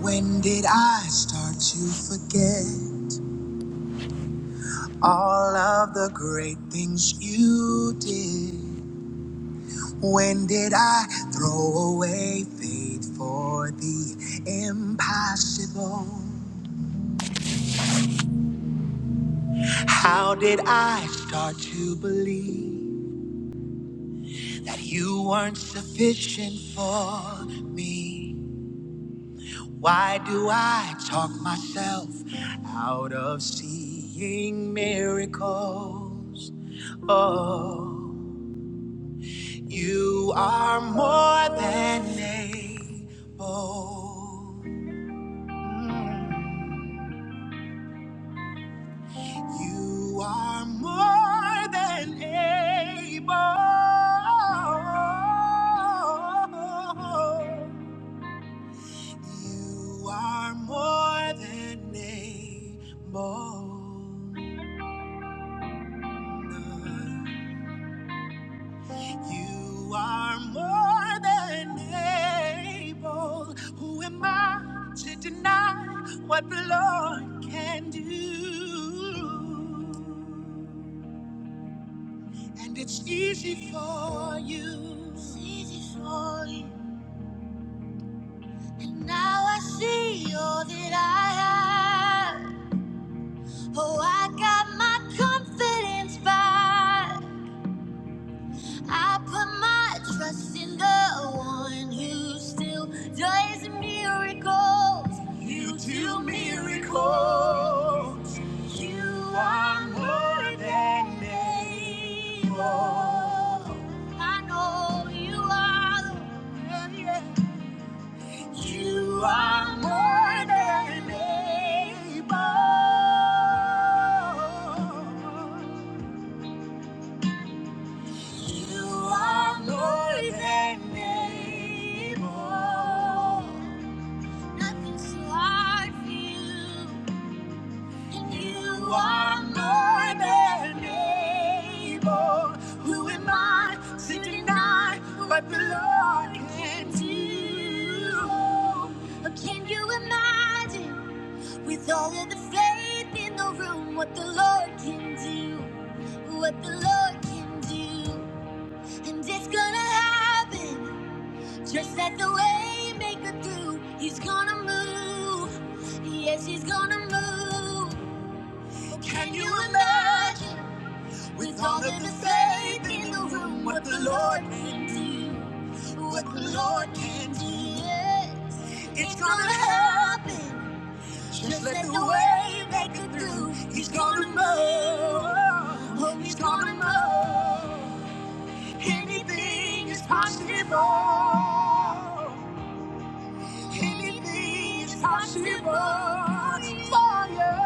When did I start to forget all of the great things you did? When did I throw away faith for the impossible? How did I start to believe that you weren't sufficient for me? Why do I talk myself out of seeing miracles? Oh. You are more than able. Mm. You are more than able. You are more than able. You are more than able. Who am I to deny what the Lord can do? And it's easy for you. It's easy for you. And now I see all that I have. Oh, I got my confidence back. I put my trust in the one who still does miracles. You do miracles. You are more than able. I know you are the one. yeah. You are more than able. You are more than able. Nothing's too hard for you. And you are more than able. Who am I to deny what the Lord can do? can you imagine with all of the faith in the room what the Lord can do? What the Lord can do? And it's gonna happen just let the way make it through. He's gonna move. Yes, he's gonna move. Can, you imagine with all of the faith in the room what the Lord can do? What the Lord can do. Yes. It's gonna happen just let the way make it through. He's gonna move. Oh, he's gonna move. Anything is possible. Anything is possible for you.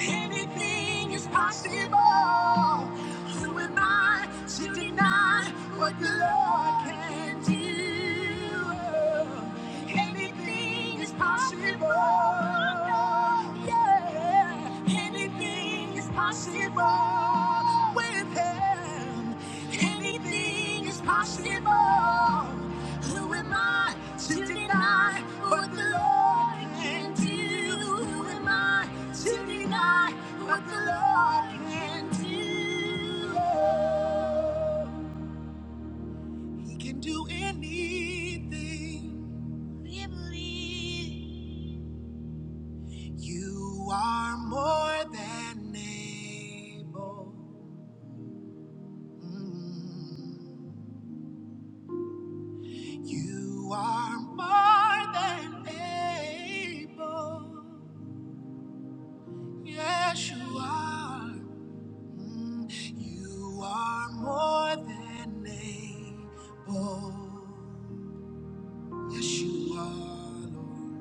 Anything is possible. Who am I to deny what the Lord can do? Anything is possible possible. Yeah, anything is possible with Him. Anything is possible. Who am I to deny what the Lord can do? Who am I to deny what the Lord can do? He can do anything. We believe. You are more than able. Mm. You are more than able. Yes, you are. Mm. You are more than able. Yes, you are, Lord.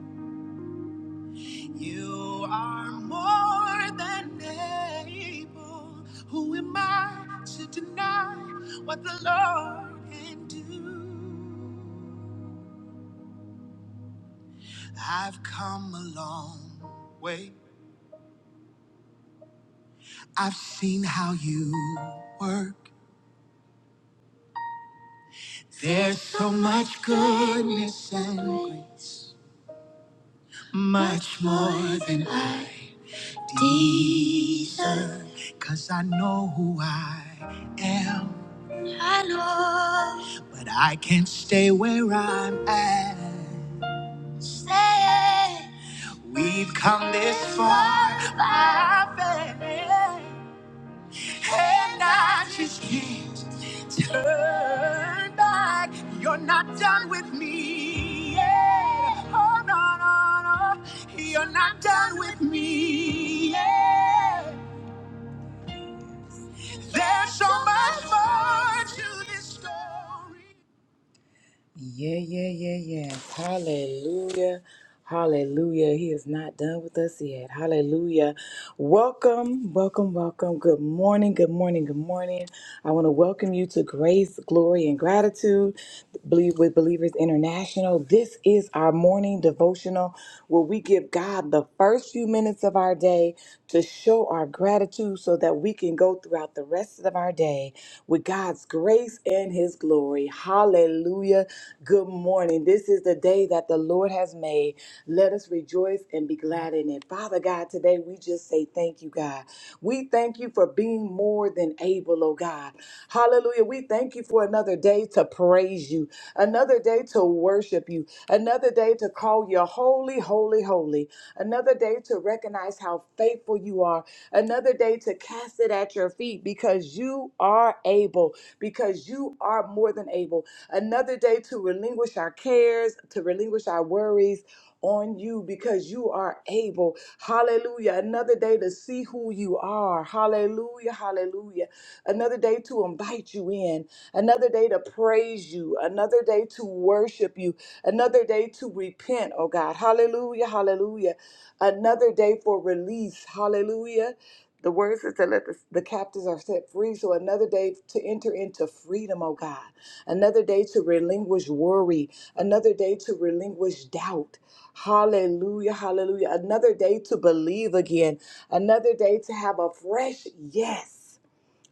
You are more than able. Who am I to deny what the Lord can do? I've come a long way. I've seen how you work. There's so much goodness and grace, much more than I deserve. Cause I know who I am. I know. But I can't stay where I'm at. Say We've come this far by faith, and I just can't turn back. You're not done with me yet. Oh no, no, no, you're not done with me yet. There's so much more to this story. Yeah, yeah, yeah, yeah! Hallelujah. Hallelujah. He is not done with us yet. Hallelujah. Welcome, welcome, welcome. Good morning, good morning, good morning. I want to welcome you to Grace, Glory, and Gratitude Believe with Believers International. This is our morning devotional where we give God the first few minutes of our day to show our gratitude so that we can go throughout the rest of our day with God's grace and His glory. Hallelujah. Good morning. This is the day that the Lord has made. Let us rejoice and be glad in it. Father God, today we just say thank you, God. We thank you for being more than able, oh God. Hallelujah. We thank you for another day to praise you, another day to worship you, another day to call you holy, holy, holy another day to recognize how faithful you are, another day to cast it at your feet because you are able, because you are more than able, another day to relinquish our cares, to relinquish our worries. On you because you are able. Hallelujah. Another day to see who you are. Hallelujah. Hallelujah another day to invite you in, another day to praise you, another day to worship you, another day to repent, oh God. Hallelujah, hallelujah. Another day for release, hallelujah. The word says to let the, the captives are set free. So another day to enter into freedom, oh God. Another day to relinquish worry. Another day to relinquish doubt. Hallelujah, hallelujah. Another day to believe again. Another day to have a fresh yes.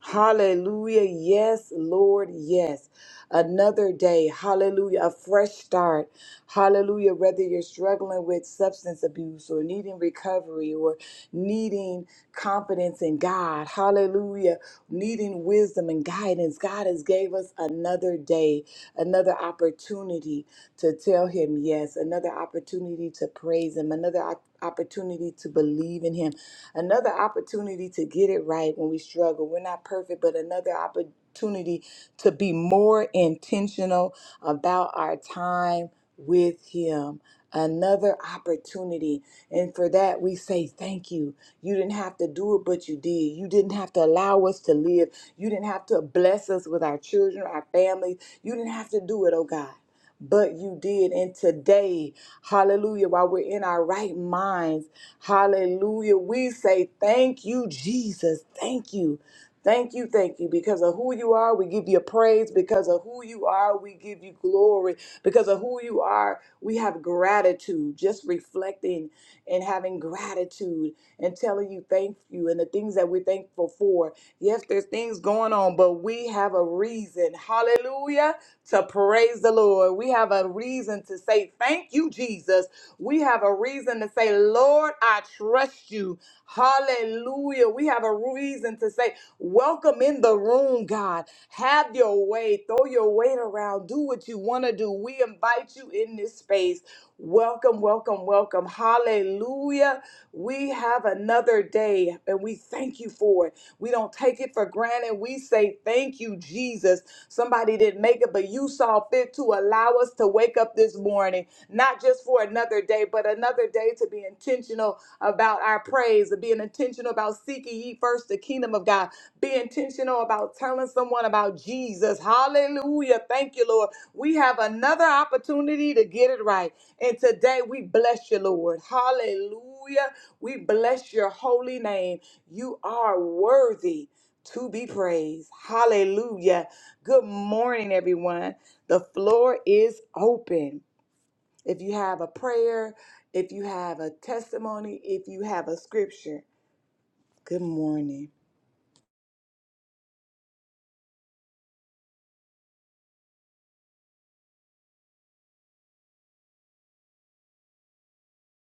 Hallelujah. Yes, Lord. Yes. Another day. Hallelujah. A fresh start. Hallelujah. Whether you're struggling with substance abuse or needing recovery or needing confidence in God. Hallelujah. Needing wisdom and guidance. God has gave us another day, another opportunity to tell him yes, another opportunity to praise him, another op- opportunity to believe in him. Another opportunity to get it right when we struggle. We're not perfect, but another opportunity to be more intentional about our time with Him. Another opportunity. And for that, we say thank you. You didn't have to do it, but you did. You didn't have to allow us to live. You didn't have to bless us with our children, our families. You didn't have to do it, oh God. But you did. And today, hallelujah, while we're in our right minds, Hallelujah. We say thank you, Jesus. Thank you. Thank you, thank you. Because of who you are, we give you praise. Because of who you are, we give you glory. Because of who you are, we have gratitude. Just reflecting and having gratitude and telling you thank you and the things that we're thankful for. Yes, there's things going on, but we have a reason. Hallelujah. To praise the Lord. We have a reason to say thank you, Jesus. We have a reason to say, Lord, I trust you. Hallelujah. We have a reason to say, Welcome in the room, God. Have your way. Throw your weight around. Do what you want to do. We invite you in this space. Welcome, welcome, welcome. Hallelujah. We have another day and we thank you for it. We don't take it for granted. We say thank you, Jesus. Somebody didn't make it, but you saw fit to allow us to wake up this morning not just for another day, but another day to be intentional about our praise, to be intentional about seeking ye first the kingdom of God, be intentional about telling someone about Jesus. Hallelujah. Thank you, Lord. We have another opportunity to get it right. And today we bless you, Lord. Hallelujah. We bless your holy name. You are worthy to be praised. Hallelujah. Good morning, everyone. The floor is open. If you have a prayer, if you have a testimony, if you have a scripture, good morning.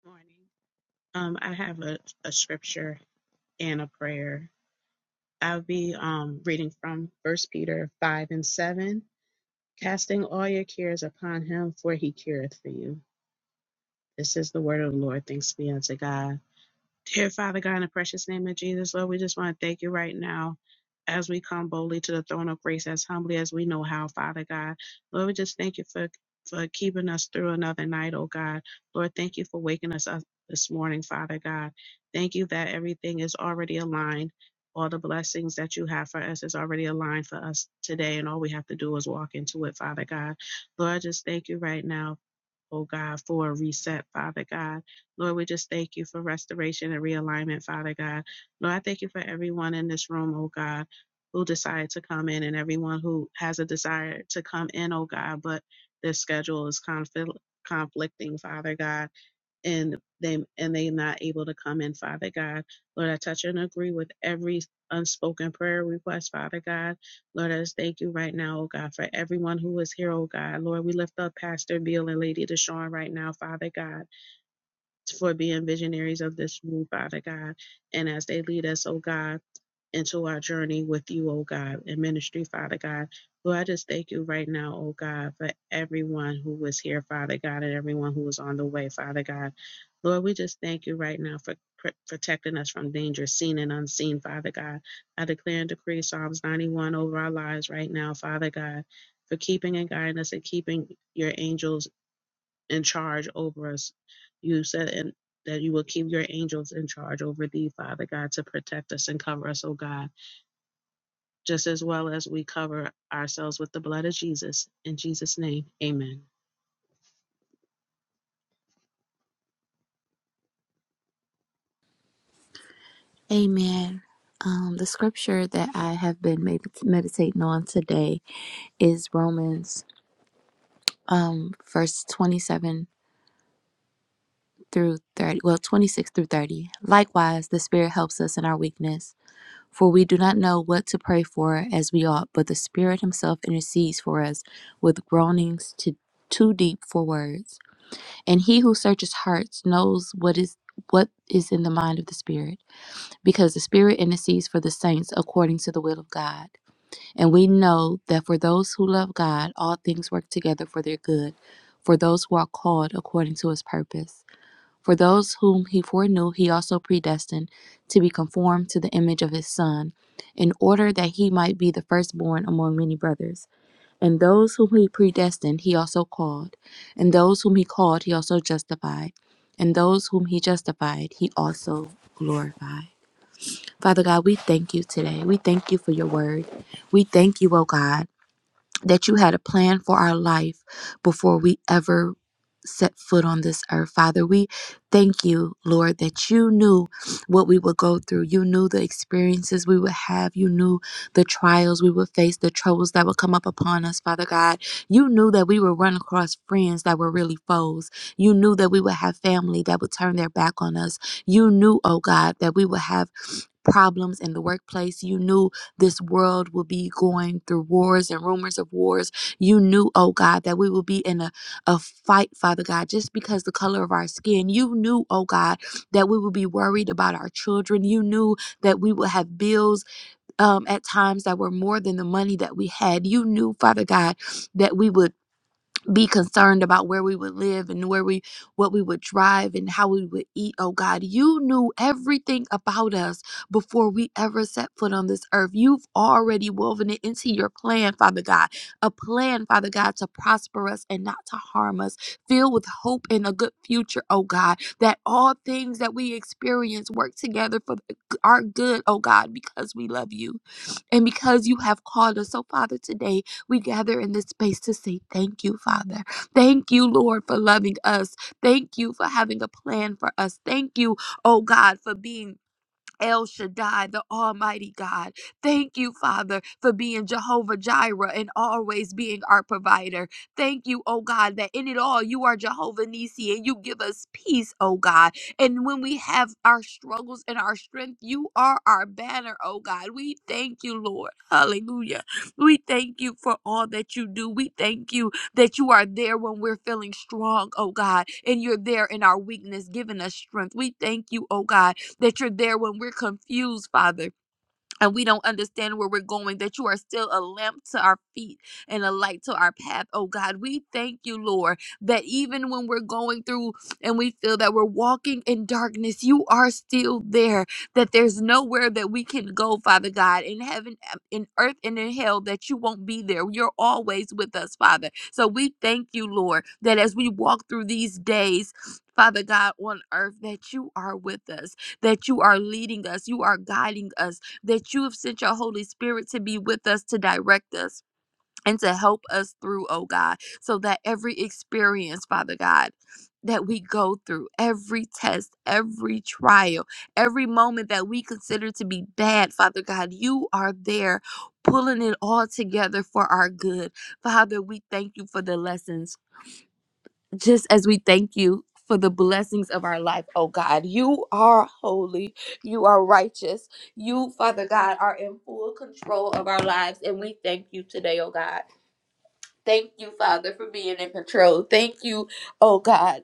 Morning. Um, I have a, a scripture and a prayer. I'll be um reading from First Peter five and seven, casting all your cares upon him, for he careth for you. This is the word of the Lord. Thanks be unto God. Dear Father God, in the precious name of Jesus, Lord, we just want to thank you right now as we come boldly to the throne of grace, as humbly as we know how, Father God. Lord, we just thank you for, for keeping us through another night, oh God. Lord, thank you for waking us up this morning, Father God. Thank you that everything is already aligned. All the blessings that you have for us is already aligned for us today, and all we have to do is walk into it, Father God. Lord, I just thank you right now oh God, for a reset, Father God. Lord, we just thank you for restoration and realignment, Father God. Lord, I thank you for everyone in this room, oh God, who decided to come in and everyone who has a desire to come in, oh God, but their schedule is conflict conflicting, Father God and they and they not able to come in father god lord i touch and agree with every unspoken prayer request father god lord i just thank you right now oh god for everyone who is here oh god lord we lift up pastor bill and lady deshawn right now father god for being visionaries of this move, Father God. And as they lead us, oh God, into our journey with you, oh God, in ministry, Father God. Lord, I just thank you right now, oh God, for everyone who was here, Father God, and everyone who was on the way, Father God. Lord, we just thank you right now for pr- protecting us from danger, seen and unseen, Father God. I declare and decree Psalms 91 over our lives right now, Father God, for keeping and guiding us and keeping your angels in charge over us. You said in, that you will keep your angels in charge over thee, Father God, to protect us and cover us, oh God, just as well as we cover ourselves with the blood of Jesus. In Jesus' name, amen. Amen. Um, the scripture that I have been med- meditating on today is Romans um, verse 27 through 30, well, 26 through 30. Likewise, the Spirit helps us in our weakness, for we do not know what to pray for as we ought, but the Spirit Himself intercedes for us with groanings to, too deep for words. And He who searches hearts knows what is what is in the mind of the Spirit, because the Spirit intercedes for the saints according to the will of God And we know that for those who love God, all things work together for their good, for those who are called according to his purpose. For those whom he foreknew, he also predestined to be conformed to the image of his Son, in order that he might be the firstborn among many brothers. And those whom he predestined, he also called. And those whom he called, he also justified. And those whom he justified, he also glorified. Father God, we thank you today. We thank you for your word. We thank you, O God that you had a plan for our life before we ever set foot on this earth. Father, we thank you, Lord, that you knew what we would go through. You knew the experiences we would have. You knew the trials we would face, the troubles that would come up upon us, Father God. You knew that we would run across friends that were really foes. You knew that we would have family that would turn their back on us. You knew, oh God, that we would have problems in the workplace. You knew this world will be going through wars and rumors of wars. You knew, oh God, that we will be in a, a fight, Father God, just because the color of our skin. You knew, oh God, that we would be worried about our children. You knew that we would have bills um, at times that were more than the money that we had. You knew, Father God, that we would be concerned about where we would live and where we what we would drive and how we would eat oh god you knew everything about us before we ever set foot on this earth you've already woven it into your plan father god a plan father god to prosper us and not to harm us filled with hope and a good future oh god that all things that we experience work together for the- our good oh god because we love you and because you have called us. So, Father, today we gather in this space to say thank you, Father. Thank you, Lord, for loving us. Thank you for having a plan for us. Thank you, oh God, for being El Shaddai, the Almighty God. Thank you, Father, for being Jehovah Jireh and always being our provider. Thank you, oh God, that in it all you are Jehovah Nissi and you give us peace, oh God. And when we have our struggles and our strength, you are our banner, oh God. We thank you, Lord. Hallelujah. We thank you for all that you do. We thank you that you are there when we're feeling strong, oh God, and you're there in our weakness, giving us strength. We thank you, oh God, that you're there when we're confused, Father and we don't understand where we're going, that you are still a lamp to our feet and a light to our path. Oh God, we thank you, Lord, that even when we're going through and we feel that we're walking in darkness, you are still there, that there's nowhere that we can go, Father God, in heaven, um, in earth, and in hell, that you won't be there. You're always with us, Father. So we thank you, Lord, that as we walk through these days, Father God on earth, that you are with us, that you are leading us, you are guiding us that you have sent your Holy Spirit to be with us, to direct us, and to help us through, oh God, so that every experience, Father God, that we go through, every test, every trial, every moment that we consider to be bad, Father God, you are there pulling it all together for our good. Father, we thank you for the lessons just as we thank you for the blessings of our life, oh God. You are holy. You are righteous. You, Father God, are in full control of our lives. And we thank you today, oh God. Thank you, Father, for being in control. Thank you, oh God.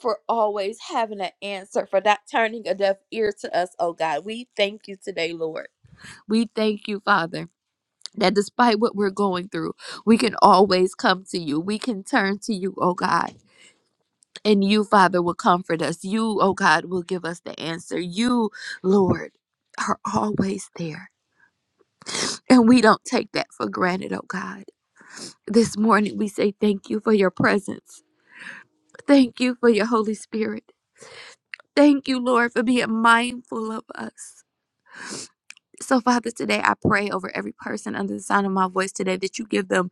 For always having an answer, for not turning a deaf ear to us, oh God. We thank you today, Lord. We thank you, Father, that despite what we're going through, we can always come to you. We can turn to you, oh God and you, Father, will comfort us. You, oh God, will give us the answer. You, Lord, are always there. And we don't take that for granted, oh God. This morning we say thank you for your presence. Thank you for your Holy Spirit. Thank you, Lord, for being mindful of us. So, Father, today I pray over every person under the sound of my voice today that you give them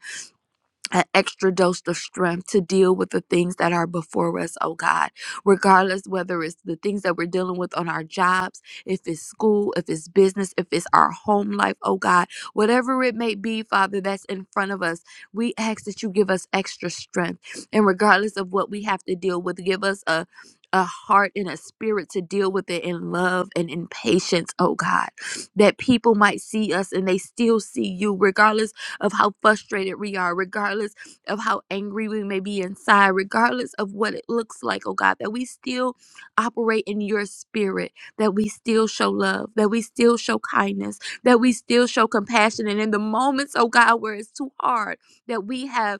an extra dose of strength to deal with the things that are before us, oh God. Regardless whether it's the things that we're dealing with on our jobs, if it's school, if it's business, if it's our home life, oh God, whatever it may be, Father, that's in front of us, we ask that you give us extra strength. And regardless of what we have to deal with, give us a a heart and a spirit to deal with it in love and in patience, oh God, that people might see us and they still see you, regardless of how frustrated we are, regardless of how angry we may be inside, regardless of what it looks like, oh God, that we still operate in your spirit, that we still show love, that we still show kindness, that we still show compassion. And in the moments, oh God, where it's too hard, that we have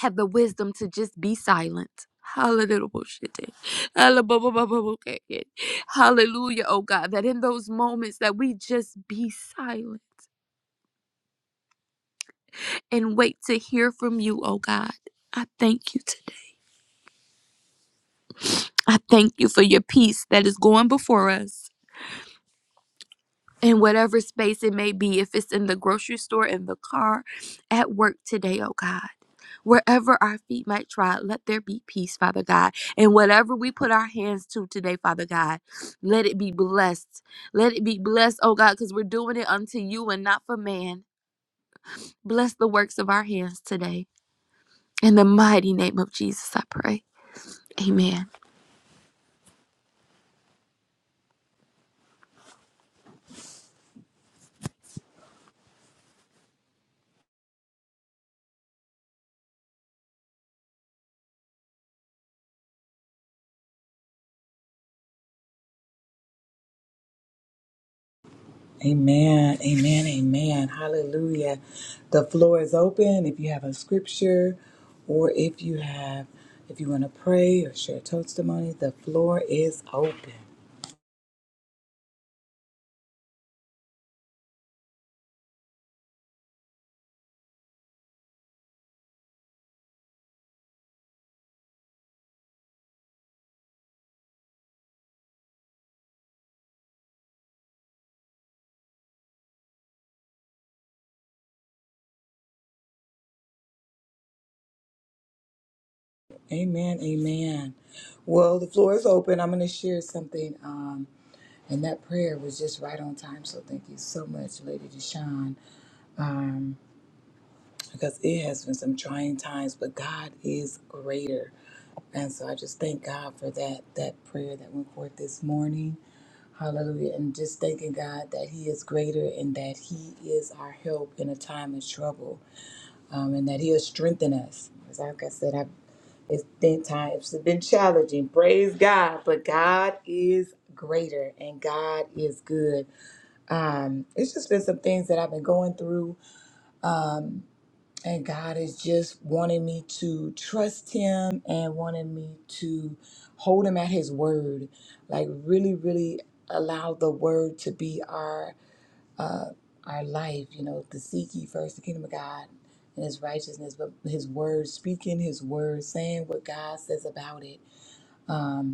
have the wisdom to just be silent. Hallelujah. Hallelujah, oh God, that in those moments that we just be silent and wait to hear from you, oh God. I thank you today. I thank you for your peace that is going before us in whatever space it may be, if it's in the grocery store, in the car, at work today, oh God. Wherever our feet might trod, let there be peace, Father God. And whatever we put our hands to today, Father God, let it be blessed. Let it be blessed, oh God, because we're doing it unto you and not for man. Bless the works of our hands today. In the mighty name of Jesus, I pray. Amen. Amen. Amen. Amen. Hallelujah. The floor is open if you have a scripture or if you have if you want to pray or share testimony, the floor is open. Amen. Amen. Well, the floor is open. I'm going to share something. Um, and that prayer was just right on time. So thank you so much, Lady Deshawn. Um, because it has been some trying times, but God is greater. And so I just thank God for that that prayer that went forth this morning. Hallelujah. And just thanking God that He is greater and that He is our help in a time of trouble um, and that He'll strengthen us. As like I said, I've, it's been times, it's been challenging. Praise God. But God is greater and God is good. Um, it's just been some things that I've been going through. Um, and God is just wanting me to trust Him and wanting me to hold Him at His word. Like, really, really allow the word to be our uh, our life. You know, to seek ye first the kingdom of God and His righteousness, but His word, speaking His word, saying what God says about it. Um,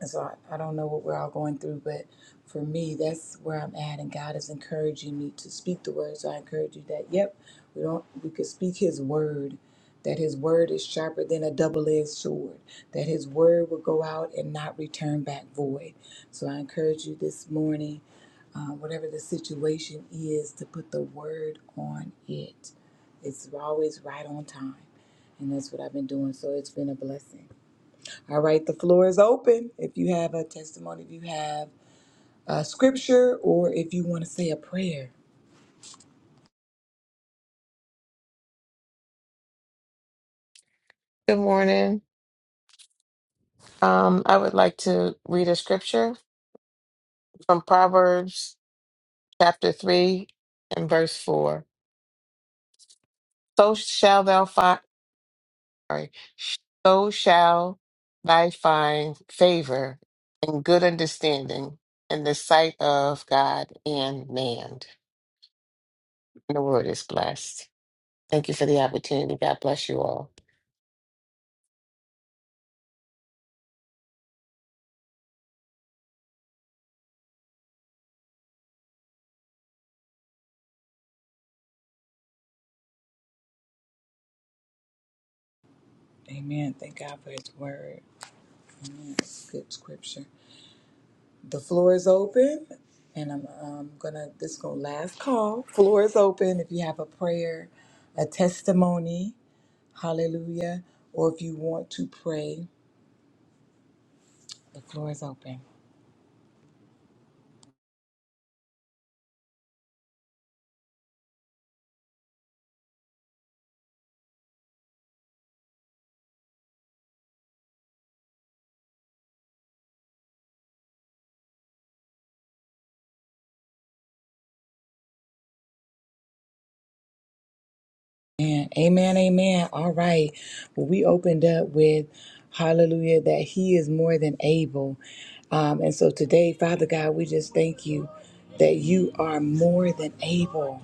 and so I, I don't know what we're all going through, but for me, that's where I'm at. And God is encouraging me to speak the word. So I encourage you that, yep, we don't we could speak his word, that his word is sharper than a double-edged sword, that his word will go out and not return back void. So I encourage you this morning, uh, whatever the situation is, to put the word on it. It's always right on time. And that's what I've been doing. So it's been a blessing. All right, the floor is open. If you have a testimony, if you have a scripture, or if you want to say a prayer. Good morning. Um, I would like to read a scripture from Proverbs chapter 3 and verse 4. So shall thou find, sorry, so shall thy find favor and good understanding in the sight of God and man. And the word is blessed. Thank you for the opportunity. God bless you all. And amen, amen. All right. Well, we opened up with hallelujah that he is more than able. Um, and so today, Father God, we just thank you that you are more than able.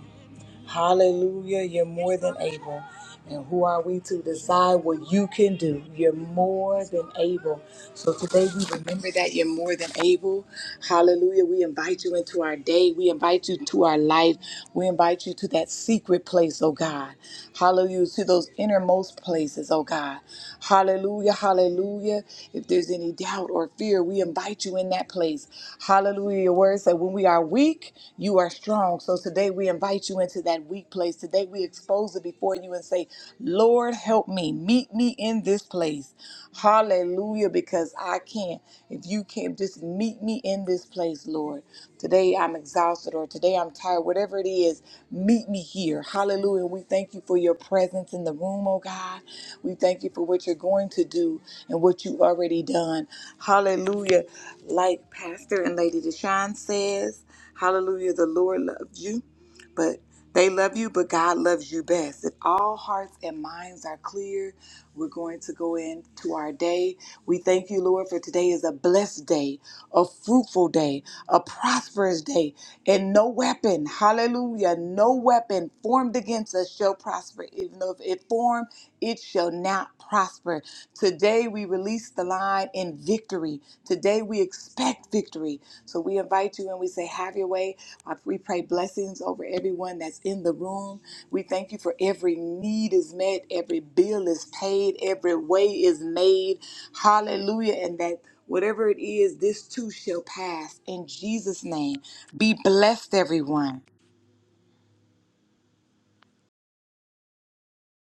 Hallelujah, you're more than able. And who are we to decide what you can do? You're more than able. So today we remember that you're more than able. Hallelujah. We invite you into our day. We invite you to our life. We invite you to that secret place, oh God. Hallelujah. To those innermost places, oh God. Hallelujah. Hallelujah. If there's any doubt or fear, we invite you in that place. Hallelujah. Your word said, when we are weak, you are strong. So today we invite you into that weak place today we expose it before you and say, Lord, help me. Meet me in this place. Hallelujah, because I can't. If you can't, just meet me in this place, Lord. Today I'm exhausted or today I'm tired, whatever it is, meet me here. Hallelujah. We thank you for your presence in the room, oh God. We thank you for what you're going to do and what you've already done. Hallelujah. Like Pastor and Lady Deshawn says, Hallelujah, the Lord loves you but they love you, but God loves you best. If all hearts and minds are clear, we're going to go into our day. We thank you, Lord, for today is a blessed day, a fruitful day, a prosperous day, and no weapon, hallelujah, no weapon formed against us shall prosper, even though if it formed it shall not prosper. Today we release the line in victory. Today we expect victory. So we invite you and we say, Have your way. Uh, We pray blessings over everyone that's in the room. We thank you for every need is met, every bill is paid, every way is made. Hallelujah. And that whatever it is, this too shall pass. In Jesus' name, be blessed, everyone.